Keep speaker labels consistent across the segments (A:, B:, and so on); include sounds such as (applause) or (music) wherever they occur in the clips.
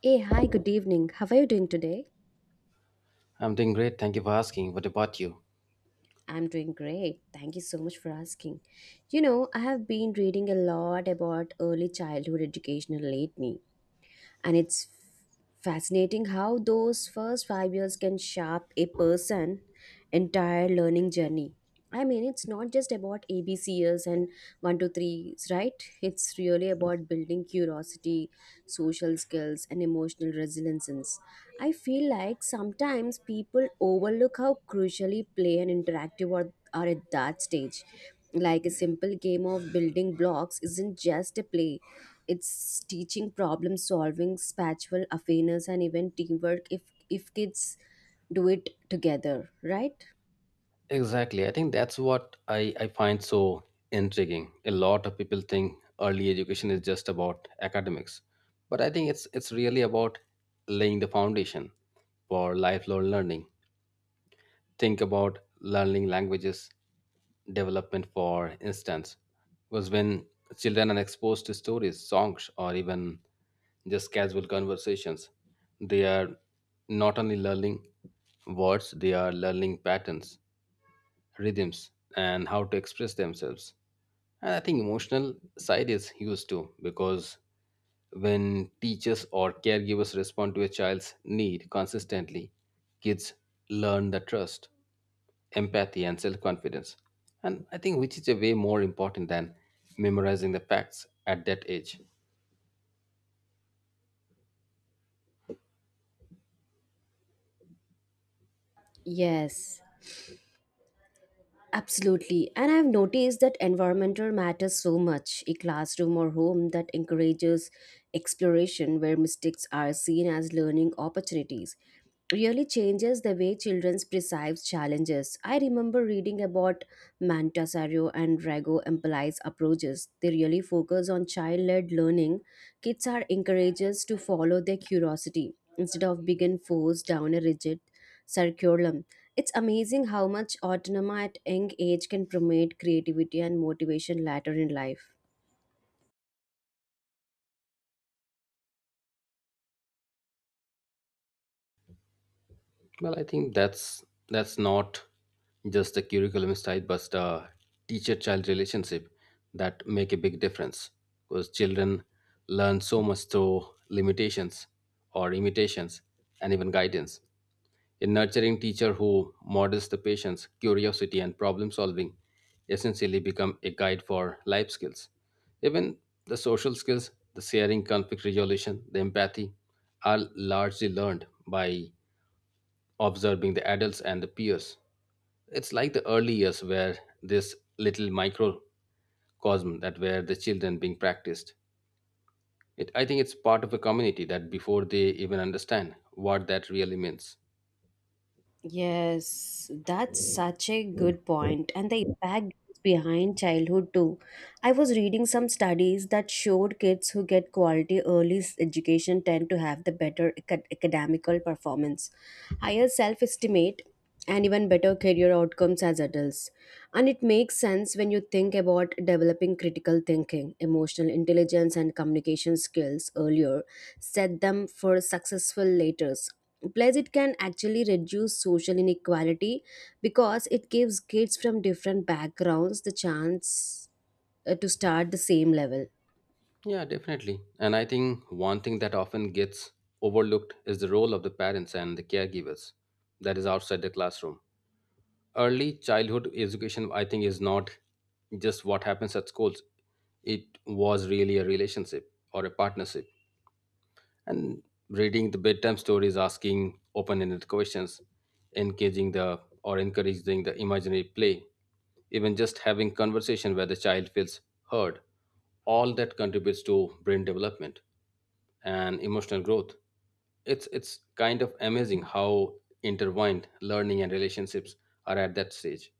A: Hey, hi, good evening. How are you doing today?
B: I'm doing great. Thank you for asking. What about you?
A: I'm doing great. Thank you so much for asking. I have been reading a lot about early childhood education lately. And it's fascinating how those first 5 years can shape a person entire learning journey. I mean, it's not just about ABCs and 1 to, right, it's really about building curiosity, social skills, and emotional resilience. I feel like sometimes people overlook how crucially play and interactive are at that stage. Like a simple game of building blocks isn't just a play, it's teaching problem solving, spatial awareness, and even teamwork if kids do it together, right?
B: Exactly. I think that's what I find so intriguing. A lot of people think early education is just about academics, but I think it's really about laying the foundation for lifelong learning. Think about learning languages development, for instance. Was when children are exposed to stories, songs, or even just casual conversations, they are not only learning words, they are learning patterns, rhythms, and how to express themselves. And I think emotional side is huge too, because when teachers or caregivers respond to a child's need consistently, kids learn the trust, empathy, and self-confidence. And I think which is a way more important than memorizing the facts at that age.
A: Yes. Absolutely. And I've noticed that environmental matters so much. A classroom or home that encourages exploration where mistakes are seen as learning opportunities really changes the way children perceive challenges. I remember reading about Mantasaro and Rago Empali's approaches. They really focus on child-led learning. Kids are encouraged to follow their curiosity instead of being forced down a rigid curriculum. It's amazing how much autonomy at young age can promote creativity and motivation later in life.
B: Well, I think that's not just the curriculum style but the teacher child relationship that make a big difference, because children learn so much through limitations or imitations and even guidance. A nurturing teacher who models the patience, curiosity, and problem solving essentially become a guide for life skills. Even the social skills, the sharing, conflict resolution, the empathy are largely learned by observing the adults and the peers. It's like the early years where this little microcosm that where the children being practiced. It, I think it's part of a community that before they even understand what that really means.
A: Yes, that's such a good point, and the impact behind childhood too. I was reading some studies that showed kids who get quality early education tend to have the better academical performance, higher self estimate, and even better career outcomes as adults. And it makes sense when you think about developing critical thinking, emotional intelligence, and communication skills earlier, set them for successful later. Plus, it can actually reduce social inequality because it gives kids from different backgrounds the chance to start the same level.
B: Yeah, definitely. And I think one thing that often gets overlooked is the role of the parents and the caregivers that is outside the classroom. Early childhood education, I think, is not just what happens at schools, it was really a relationship or a partnership, and reading the bedtime stories, asking open-ended questions, engaging the or encouraging the imaginary play, even just having conversation where the child feels heard, all that contributes to brain development and emotional growth. It's kind of amazing how intertwined learning and relationships are at that stage,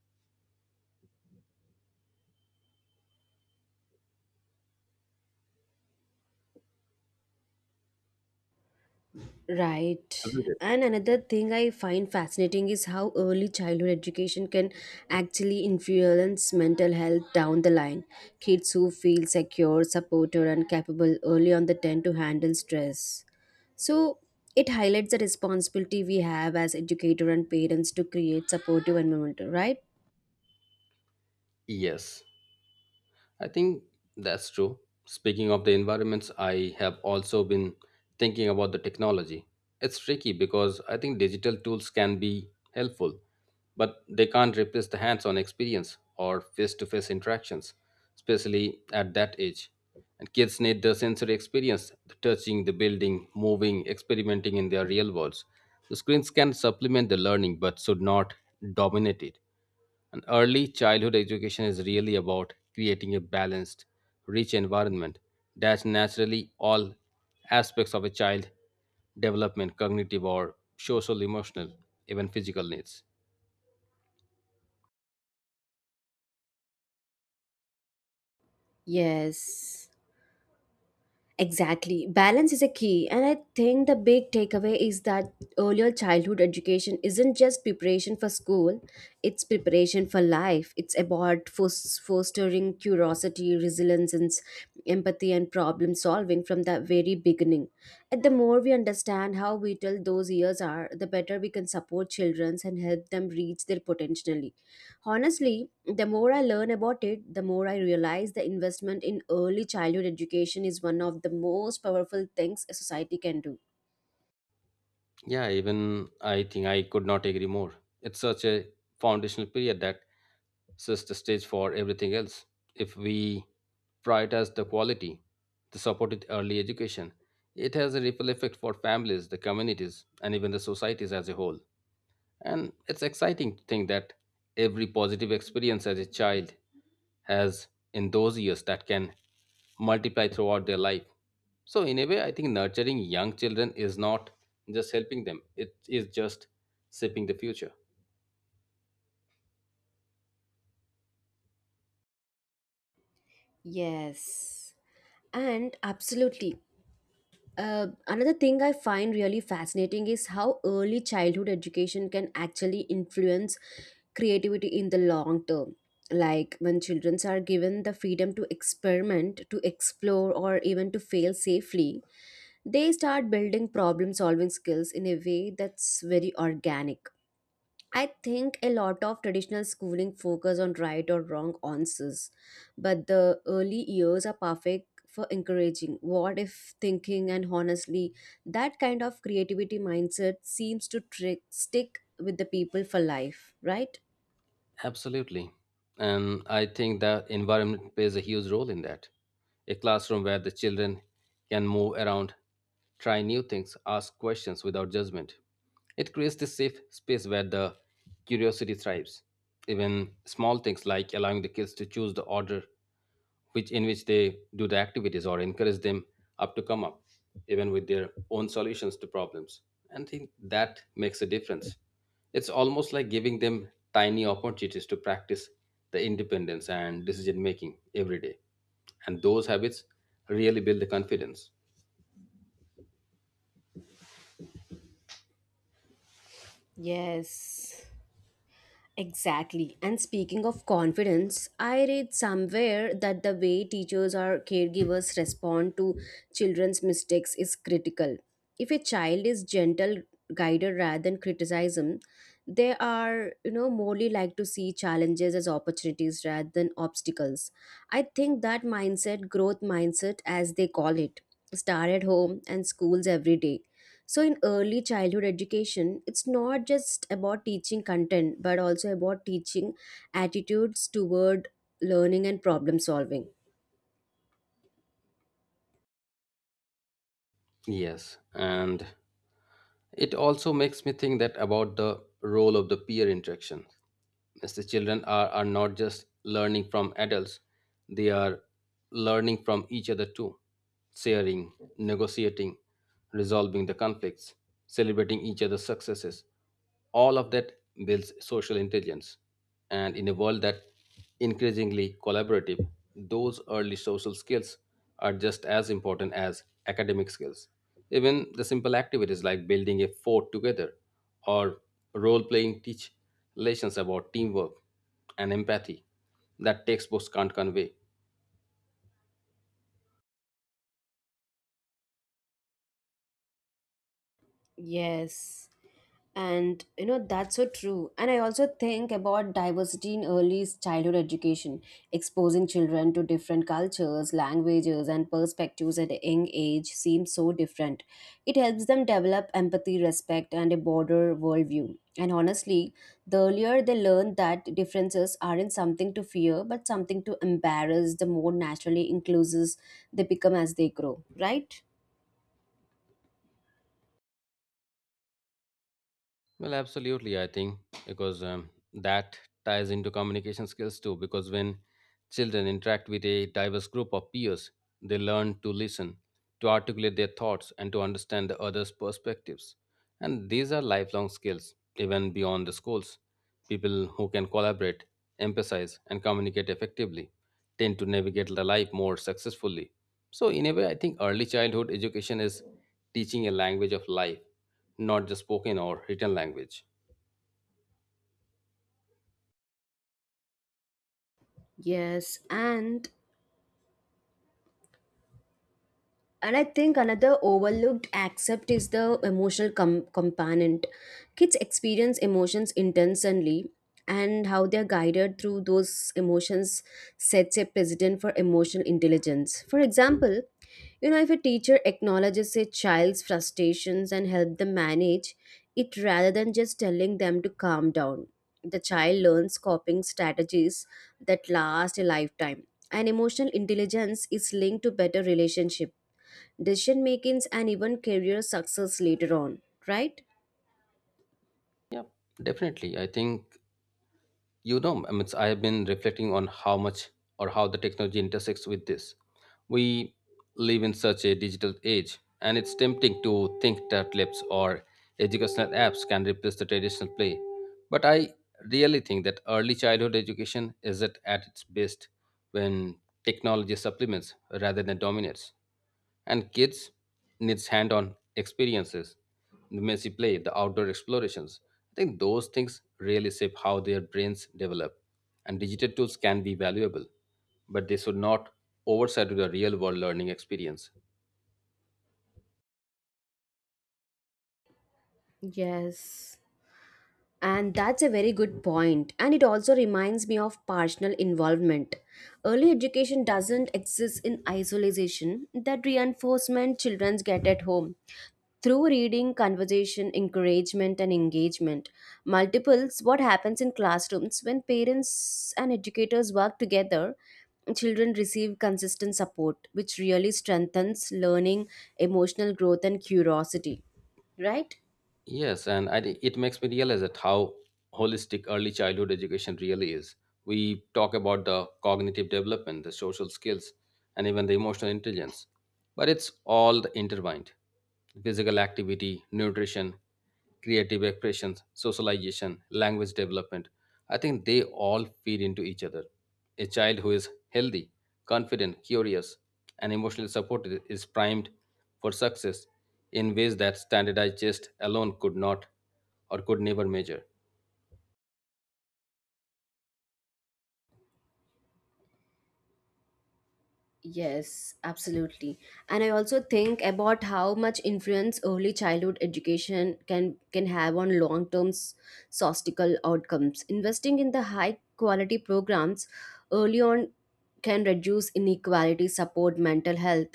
A: Right.
B: hasn't it?
A: And another thing I find fascinating is how early childhood education can actually influence mental health down the line. Kids who feel secure, supported, and capable early on the tend to handle stress. So it highlights the responsibility we have as educator and parents to create supportive environment, right?
B: Yes, I think that's true. Speaking of the environments, I have also been thinking about the technology. It's tricky because I think digital tools can be helpful, but they can't replace the hands on experience or face to face interactions, especially at that age. And kids need the sensory experience, the touching, the building, moving, experimenting in their real worlds. The screens can supplement the learning but should not dominate it. An early childhood education is really about creating a balanced, rich environment that naturally all aspects of a child development, cognitive or social, emotional, even physical needs.
A: Yes. Exactly. Balance is a key. And I think the big takeaway is that earlier childhood education isn't just preparation for school, it's preparation for life. It's about fostering curiosity, resilience, and empathy and problem solving from the very beginning. And the more we understand how vital those years are, the better we can support children and help them reach their potential. Honestly, the more I learn about it, the more I realize the investment in early childhood education is one of the most powerful things a society can do.
B: Yeah, even I think I could not agree more. It's such a foundational period that sets the stage for everything else. If we prioritize the quality, the supported early education, it has a ripple effect for families, the communities, and even the societies as a whole. And it's exciting to think that every positive experience as a child has in those years that can multiply throughout their life. So, in a way, I think nurturing young children is not just helping them, it is just shaping the future.
A: Yes. And absolutely. Another thing I find really fascinating is how early childhood education can actually influence creativity in the long term. Like when children are given the freedom to experiment, to explore, or even to fail safely, they start building problem solving skills in a way that's very organic. I think a lot of traditional schooling focus on right or wrong answers, but the early years are perfect for encouraging what if thinking. And honestly, that kind of creativity mindset seems to stick with the people for life, right?
B: Absolutely. And I think the environment plays a huge role in that. A classroom where the children can move around, try new things, ask questions without judgment. It creates this safe space where the curiosity thrives. Even small things like allowing the kids to choose the order which in which they do the activities or encourage them up to come up even with their own solutions to problems, and think that makes a difference. It's almost like giving them tiny opportunities to practice the independence and decision making every day, and those habits really build the confidence.
A: Yes, exactly. And speaking of confidence, I read somewhere that the way teachers or caregivers respond to children's mistakes is critical. If a child is gentle guided rather than criticism, they are, morely like to see challenges as opportunities rather than obstacles. I think that mindset, growth mindset as they call it, start at home and schools every day. So, in early childhood education, it's not just about teaching content, but also about teaching attitudes toward learning and problem solving.
B: Yes, and it also makes me think that about the role of the peer interaction. As the children are not just learning from adults, they are learning from each other too, sharing, negotiating, resolving the conflicts, celebrating each other's successes. All of that builds social intelligence. And in a world that increasingly collaborative, those early social skills are just as important as academic skills. Even the simple activities like building a fort together or role playing teach lessons about teamwork and empathy that textbooks can't convey.
A: Yes. And that's so true. And I also think about diversity in early childhood education. Exposing children to different cultures, languages, and perspectives at a young age seems so different. It helps them develop empathy, respect, and a broader worldview. And honestly, the earlier they learn that differences aren't something to fear but something to embarrass, the more naturally inclusive they become as they grow, right?
B: Well, absolutely. I think because that ties into communication skills too. Because when children interact with a diverse group of peers, they learn to listen, to articulate their thoughts, and to understand the others' perspectives. And these are lifelong skills, even beyond the schools. People who can collaborate, emphasize, and communicate effectively tend to navigate the life more successfully. So, in a way, I think early childhood education is teaching a language of life, not just spoken or written language.
A: Yes, and I think another overlooked aspect is the emotional component. Kids experience emotions intensely, and how they're guided through those emotions sets a precedent for emotional intelligence. For example, if a teacher acknowledges a child's frustrations and help them manage it rather than just telling them to calm down, the child learns coping strategies that last a lifetime. And emotional intelligence is linked to better relationship, decision makings, and even career success later on, right?
B: Yeah, definitely. I think I mean, I have been reflecting on how much or how the technology intersects with this. We live in such a digital age and it's tempting to think that labs or educational apps can replace the traditional play, but I really think that early childhood education is at its best when technology supplements rather than dominates. And kids needs hand-on experiences, the messy play, the outdoor explorations. I think those things really shape how their brains develop, and digital tools can be valuable, but they should not overshadow the real world learning experience.
A: Yes. And that's a very good point. And it also reminds me of personal involvement. Early education doesn't exist in isolation, that reinforcement children get at home. Through reading, conversation, encouragement, and engagement, multiples what happens in classrooms when parents and educators work together, children receive consistent support, which really strengthens learning, emotional growth, and curiosity. Right?
B: Yes, and it makes me realize that how holistic early childhood education really is. We talk about the cognitive development, the social skills, and even the emotional intelligence, but it's all intertwined. Physical activity, nutrition, creative expressions, socialization, language development. I think they all feed into each other. A child who is healthy, confident, curious, and emotionally supported is primed for success in ways that standardized tests alone could not or could never measure.
A: Yes, absolutely. And I also think about how much influence early childhood education can have on long-term statistical outcomes. Investing in the high-quality programs early on can reduce inequality, support mental health,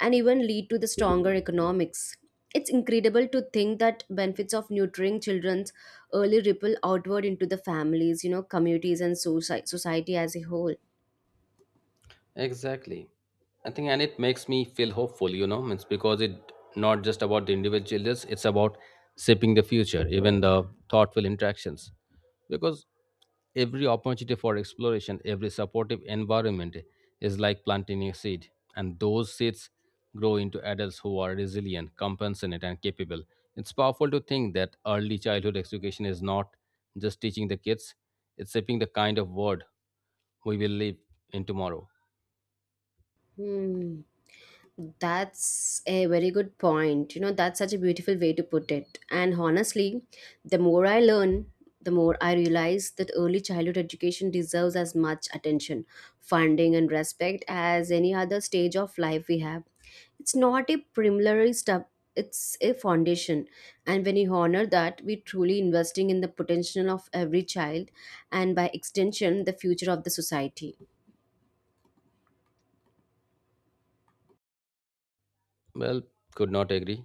A: and even lead to the stronger economics. It's incredible to think that benefits of nurturing children's early ripple outward into the families, communities and society as a whole.
B: Exactly. I think, and it makes me feel hopeful, you know, it's because it not just about the individual, it's about shaping the future, even the thoughtful interactions. Because every opportunity for exploration, every supportive environment is like planting a seed, and those seeds grow into adults who are resilient, compassionate, and capable. It's powerful to think that early childhood education is not just teaching the kids, it's shaping the kind of world we will live in tomorrow.
A: Hmm. That's a very good point. That's such a beautiful way to put it. And honestly, the more I learn, the more I realize that early childhood education deserves as much attention, funding, and respect as any other stage of life we have. It's not a preliminary step, it's a foundation. And when you honor that, we're truly investing in the potential of every child and, by extension, the future of the society.
B: Well, could not agree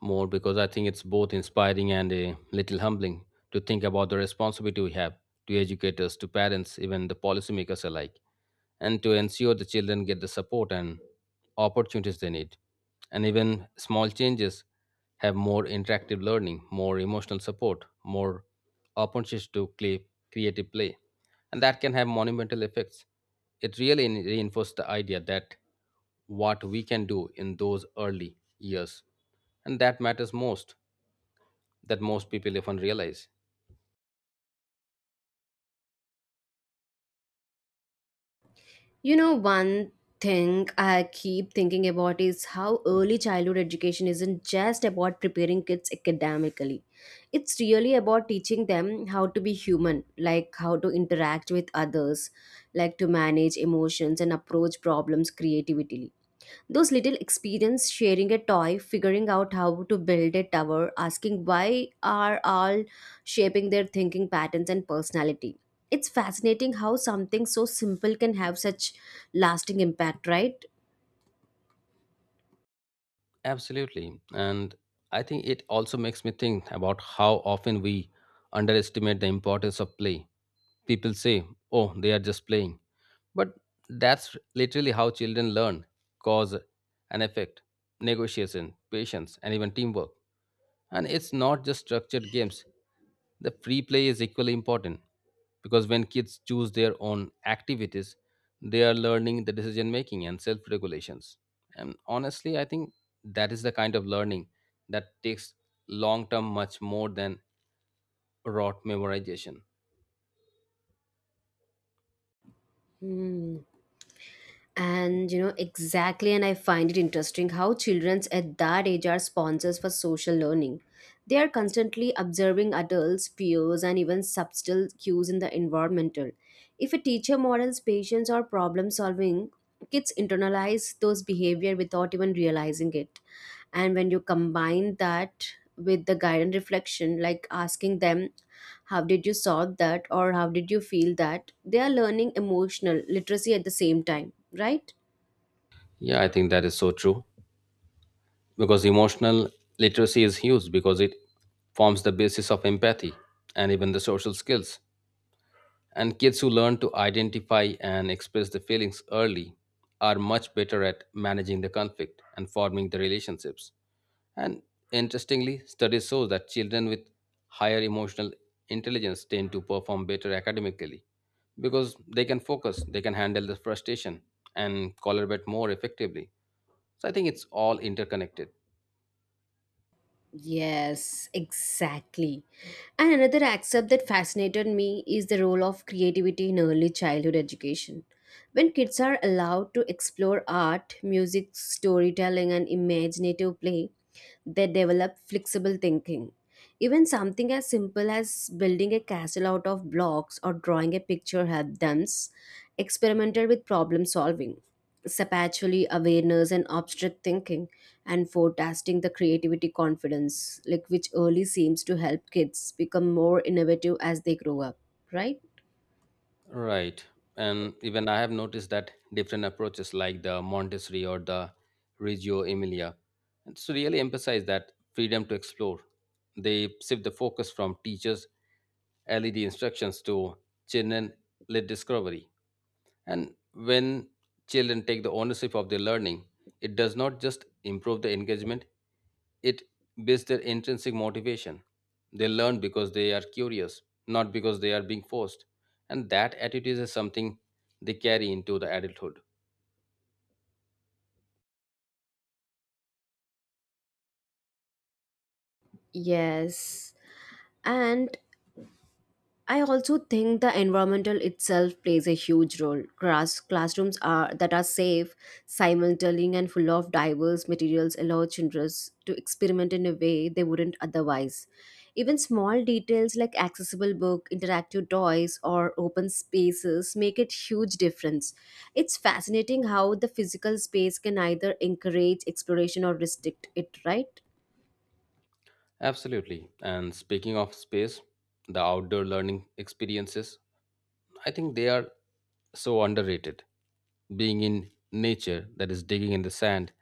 B: more, because I think it's both inspiring and a little humbling to think about the responsibility we have to educators, to parents, even the policymakers alike, and to ensure the children get the support and opportunities they need. And even small changes have more interactive learning, more emotional support, more opportunities to play creative play, and that can have monumental effects. It really reinforces the idea that what we can do in those early years and that matters most that most people often realize.
A: One thing I keep thinking about is how early childhood education isn't just about preparing kids academically. It's really about teaching them how to be human, like how to interact with others, like to manage emotions and approach problems creatively. Those little experience sharing a toy, figuring out how to build a tower, asking why are all shaping their thinking patterns and personality. It's fascinating how something so simple can have such lasting impact, right?
B: Absolutely. And I think it also makes me think about how often we underestimate the importance of play. People say, oh, they are just playing. But that's literally how children learn cause and effect, negotiation, patience, and even teamwork. And it's not just structured games, the free play is equally important, because when kids choose their own activities, they are learning the decision making and self regulations. And honestly, I think that is the kind of learning that takes long term much more than rote memorization.
A: Hmm. And exactly. And I find it interesting how children at that age are sponsors for social learning. They are constantly observing adults, peers, and even subtle cues in the environmental. If a teacher models patience or problem solving, kids internalize those behavior without even realizing it. And when you combine that with the guidance reflection, like asking them how did you sort that or how did you feel, that they are learning emotional literacy at the same time, right?
B: Yeah, I think that is so true. Because emotional literacy is huge because it forms the basis of empathy and even the social skills. And kids who learn to identify and express their feelings early are much better at managing the conflict and forming the relationships. And interestingly, studies show that children with higher emotional intelligence tend to perform better academically, because they can focus, they can handle the frustration and collaborate more effectively. So I think it's all interconnected.
A: Yes, exactly. And another aspect that fascinated me is the role of creativity in early childhood education. When kids are allowed to explore art, music, storytelling, and imaginative play, they develop flexible thinking. Even something as simple as building a castle out of blocks or drawing a picture help them experiment with problem solving, spatially awareness, and abstract thinking, and forecasting the creativity confidence, like which early seems to help kids become more innovative as they grow up, right?
B: Right. And even I have noticed that different approaches like the Montessori or the Reggio Emilia, it's really emphasize that freedom to explore. They shift the focus from teachers' LED instructions to children led discovery. And when children take the ownership of their learning, it does not just improve the engagement, it based their intrinsic motivation. They learn because they are curious, not because they are being forced. And that attitude is something they carry into the adulthood.
A: Yes. And I also think the environmental itself plays a huge role. Classrooms are that are safe, simultaneous, and full of diverse materials allow children to experiment in a way they wouldn't otherwise. Even small details like accessible book, interactive toys, or open spaces make it huge difference. It's fascinating how the physical space can either encourage exploration or restrict it. Right?
B: Absolutely. And speaking of space, the outdoor learning experiences, I think they are so underrated. Being in nature, that is, digging in the sand,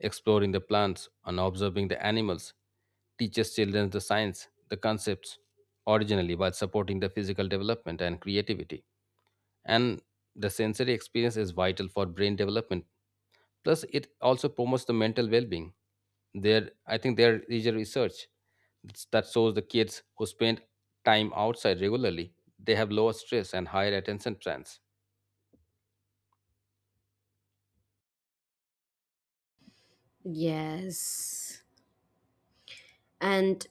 B: exploring the plants, and observing the animals, teaches children the science, the concepts originally while supporting the physical development and creativity. And the sensory experience is vital for brain development. Plus, it also promotes the mental well-being. There, I think there is a research that shows the kids who spend time outside regularly, they have lower stress and higher attention spans.
A: Yes. And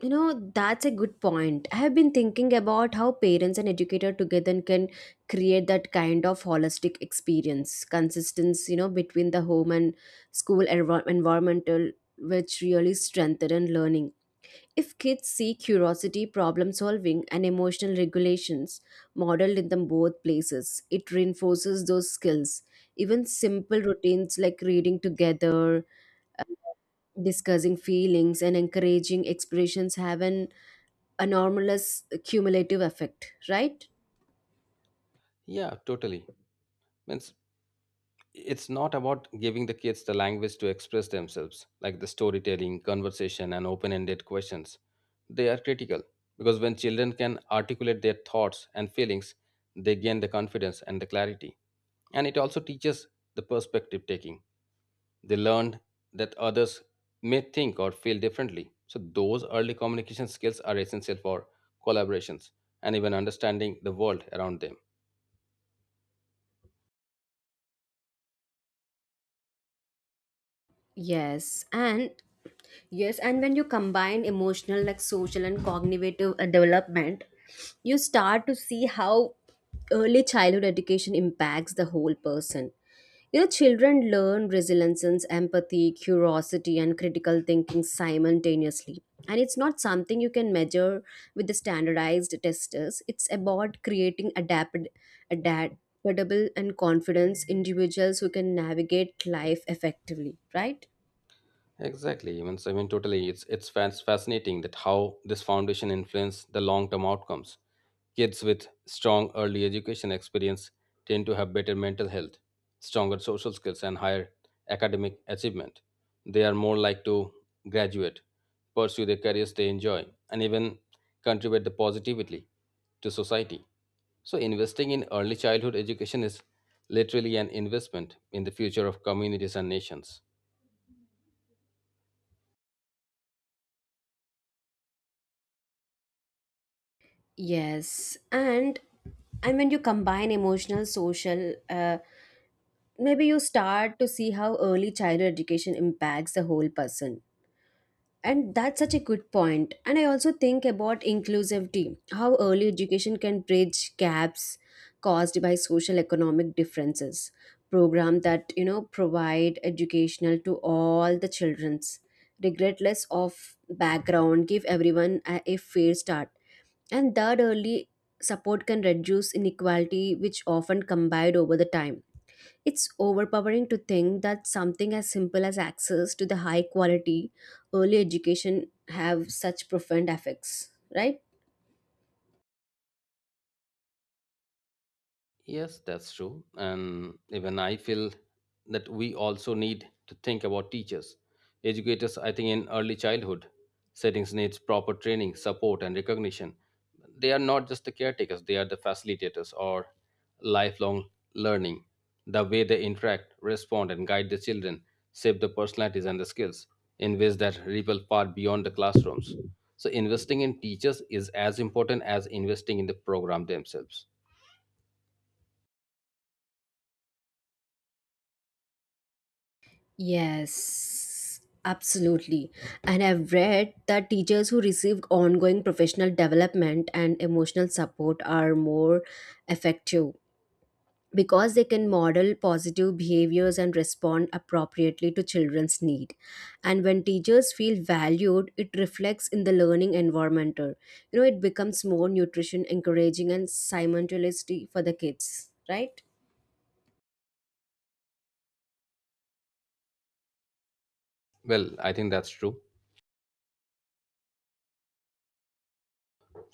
A: That's a good point. I have been thinking about how parents and educator together can create that kind of holistic experience, consistency, between the home and school environmental, which really strengthen learning. If kids see curiosity, problem solving, and emotional regulations modeled in them both places, it reinforces those skills. Even simple routines like reading together, uh, discussing feelings, and encouraging expressions have an enormous cumulative effect, right?
B: Yeah, totally. Means it's not about giving the kids the language to express themselves like the storytelling conversation and open-ended questions, they are critical. Because when children can articulate their thoughts and feelings, they gain the confidence and the clarity. And it also teaches the perspective taking. They learned that others may think or feel differently. So, those early communication skills are essential for collaborations and even understanding the world around them.
A: Yes and yes and when you combine emotional, like social and cognitive, development, you start to see how early childhood education impacts the whole person. You know, children learn resilience, empathy, curiosity, and critical thinking simultaneously. And it's not something you can measure with the standardized testers. It's about creating adaptable and confidence individuals who can navigate life effectively, right?
B: Exactly. Even so, totally. It's fascinating that how this foundation influences the long-term outcomes. Kids with strong early education experience tend to have better mental health, stronger social skills, and higher academic achievement. They are more likely to graduate, pursue the careers they enjoy, and even contribute the positively to society. So, investing in early childhood education is literally an investment in the future of communities and nations.
A: Yes. And when you combine emotional, social, maybe you start to see how early childhood education impacts the whole person. And that's such a good point. And I also think about inclusivity, how early education can bridge gaps caused by social economic differences. Program that provide educational to all the children's regardless of background give everyone a fair start. And that early support can reduce inequality, which often combined over the time. It's overpowering to think that something as simple as access to the high quality early education have such profound effects, right?
B: Yes, that's true. And even I feel that we also need to think about teachers. Educators, I think, in early childhood settings needs proper training, support, and recognition. They are not just the caretakers, they are the facilitators or lifelong learning. The way they interact, respond, and guide the children shape the personalities and the skills in ways that ripple far beyond the classrooms. So, investing in teachers is as important as investing in the program themselves.
A: Yes, absolutely. And I've read that teachers who receive ongoing professional development and emotional support are more effective because they can model positive behaviors and respond appropriately to children's need. And when teachers feel valued, it reflects in the learning environment. It becomes more nutrition encouraging and simultaneously for the kids, right?
B: Well, I think that's true.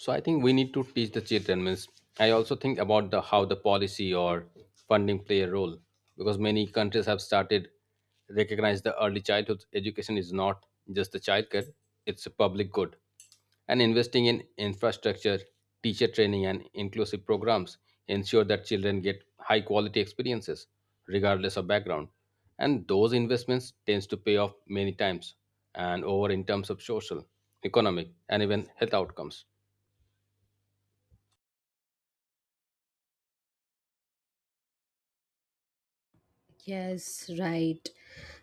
B: So I think we need to teach the children. Means I also think about the how the policy or funding play a role because many countries have started recognize the early childhood education is not just the child care; it's a public good. And investing in infrastructure, teacher training, and inclusive programs ensure that children get high quality experiences regardless of background. And those investments tends to pay off many times and over in terms of social, economic, and even health outcomes.
A: Yes, right.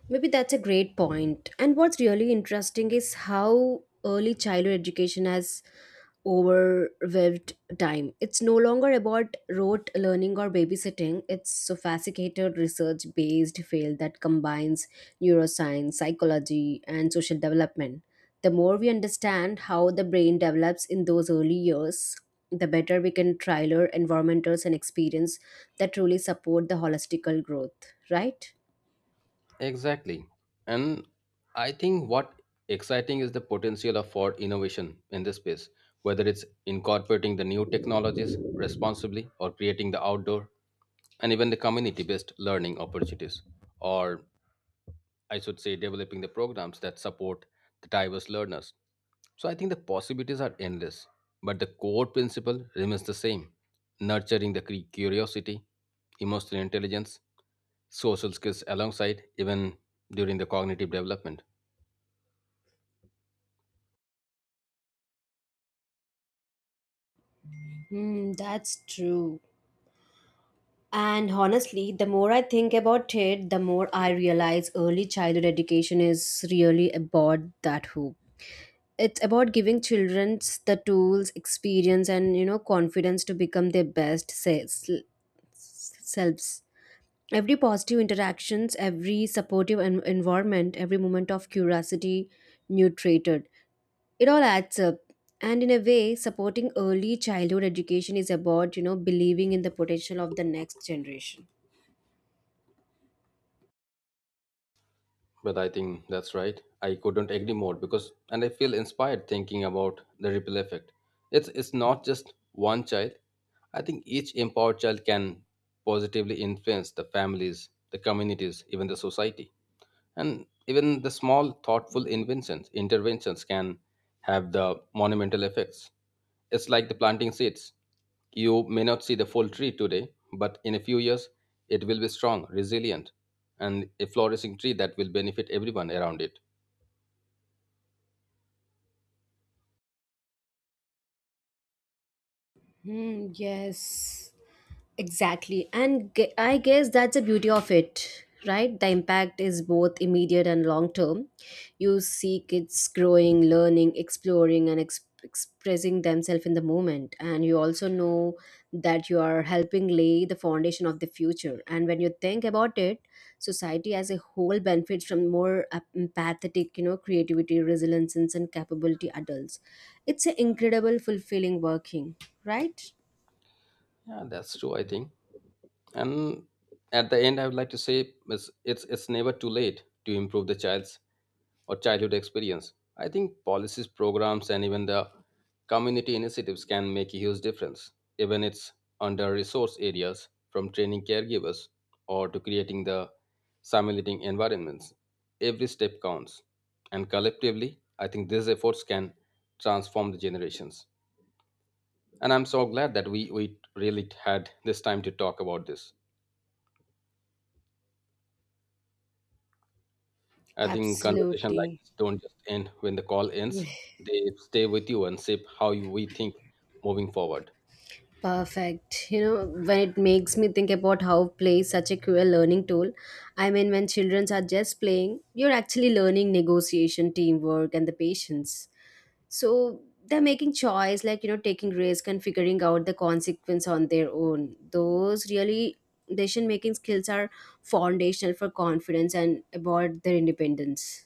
A: Maybe that's a great point. And what's really interesting is how early childhood education has overwhelmed time. It's no longer about rote learning or babysitting. It's sophisticated research-based field that combines neuroscience, psychology, and social development. The more we understand how the brain develops in those early years, the better we can trailer environments and experience that truly support the holistical growth, right?
B: Exactly. And I think what exciting is the potential of for innovation in this space, whether it's incorporating the new technologies responsibly or creating the outdoor and even the community based learning opportunities, or I should say, developing the programs that support the diverse learners. So I think the possibilities are endless, but the core principle remains the same nurturing the curiosity, emotional intelligence, social skills alongside, even during the cognitive development.
A: Hmm, that's true. And honestly, the more I think about it, the more I realize early childhood education is really about that hoop. It's about giving children the tools, experience, and confidence to become their best selves. Every positive interactions, every supportive environment, every moment of curiosity nurtured. It all adds up. And in a way, supporting early childhood education is about believing in the potential of the next generation.
B: But I think that's right. I couldn't agree more because, and I feel inspired thinking about the ripple effect. It's not just one child. I think each empowered child can positively influence the families, the communities, even the society, and even the small thoughtful inventions, interventions can have the monumental effects. It's like the planting seeds. You may not see the full tree today, but in a few years, it will be strong, resilient, and a flourishing tree that will benefit everyone around it.
A: Hmm, yes, exactly. And I guess that's the beauty of it, right? The impact is both immediate and long term. You see kids growing, learning, exploring, and expressing themselves in the moment. And you also know that you are helping lay the foundation of the future. And when you think about it, society as a whole benefits from more empathetic, creativity, resilience, and capability adults. It's an incredible, fulfilling working, right?
B: Yeah, that's true, I think. And at the end, I would like to say it's never too late to improve the child's or childhood experience. I think policies, programs, and even the community initiatives can make a huge difference, even it's under resource areas, from training caregivers or to creating the simulating environments. Every step counts. And collectively, I think these efforts can transform the generations. And I'm so glad that we really had this time to talk about this. I think conversation like
A: Absolutely.
B: this don't just end when the call ends. They stay with you and shape how we think moving forward.
A: Perfect. When it makes me think about how play is such a cruel learning tool. I mean, when children are just playing, you're actually learning negotiation, teamwork, and the patience. So they're making choice, like, taking risk and figuring out the consequence on their own. Those really decision making skills are foundational for confidence and about their independence.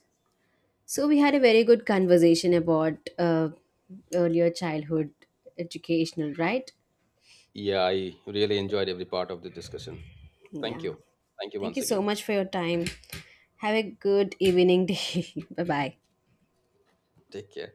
A: So we had a very good conversation about earlier childhood educational, right?
B: Yeah, I really enjoyed every part of the discussion. Thank
A: Yeah.
B: you. Thank you
A: Thank
B: once
A: you so
B: again.
A: much for your time. Have a good evening day. (laughs) bye bye.
B: Take care.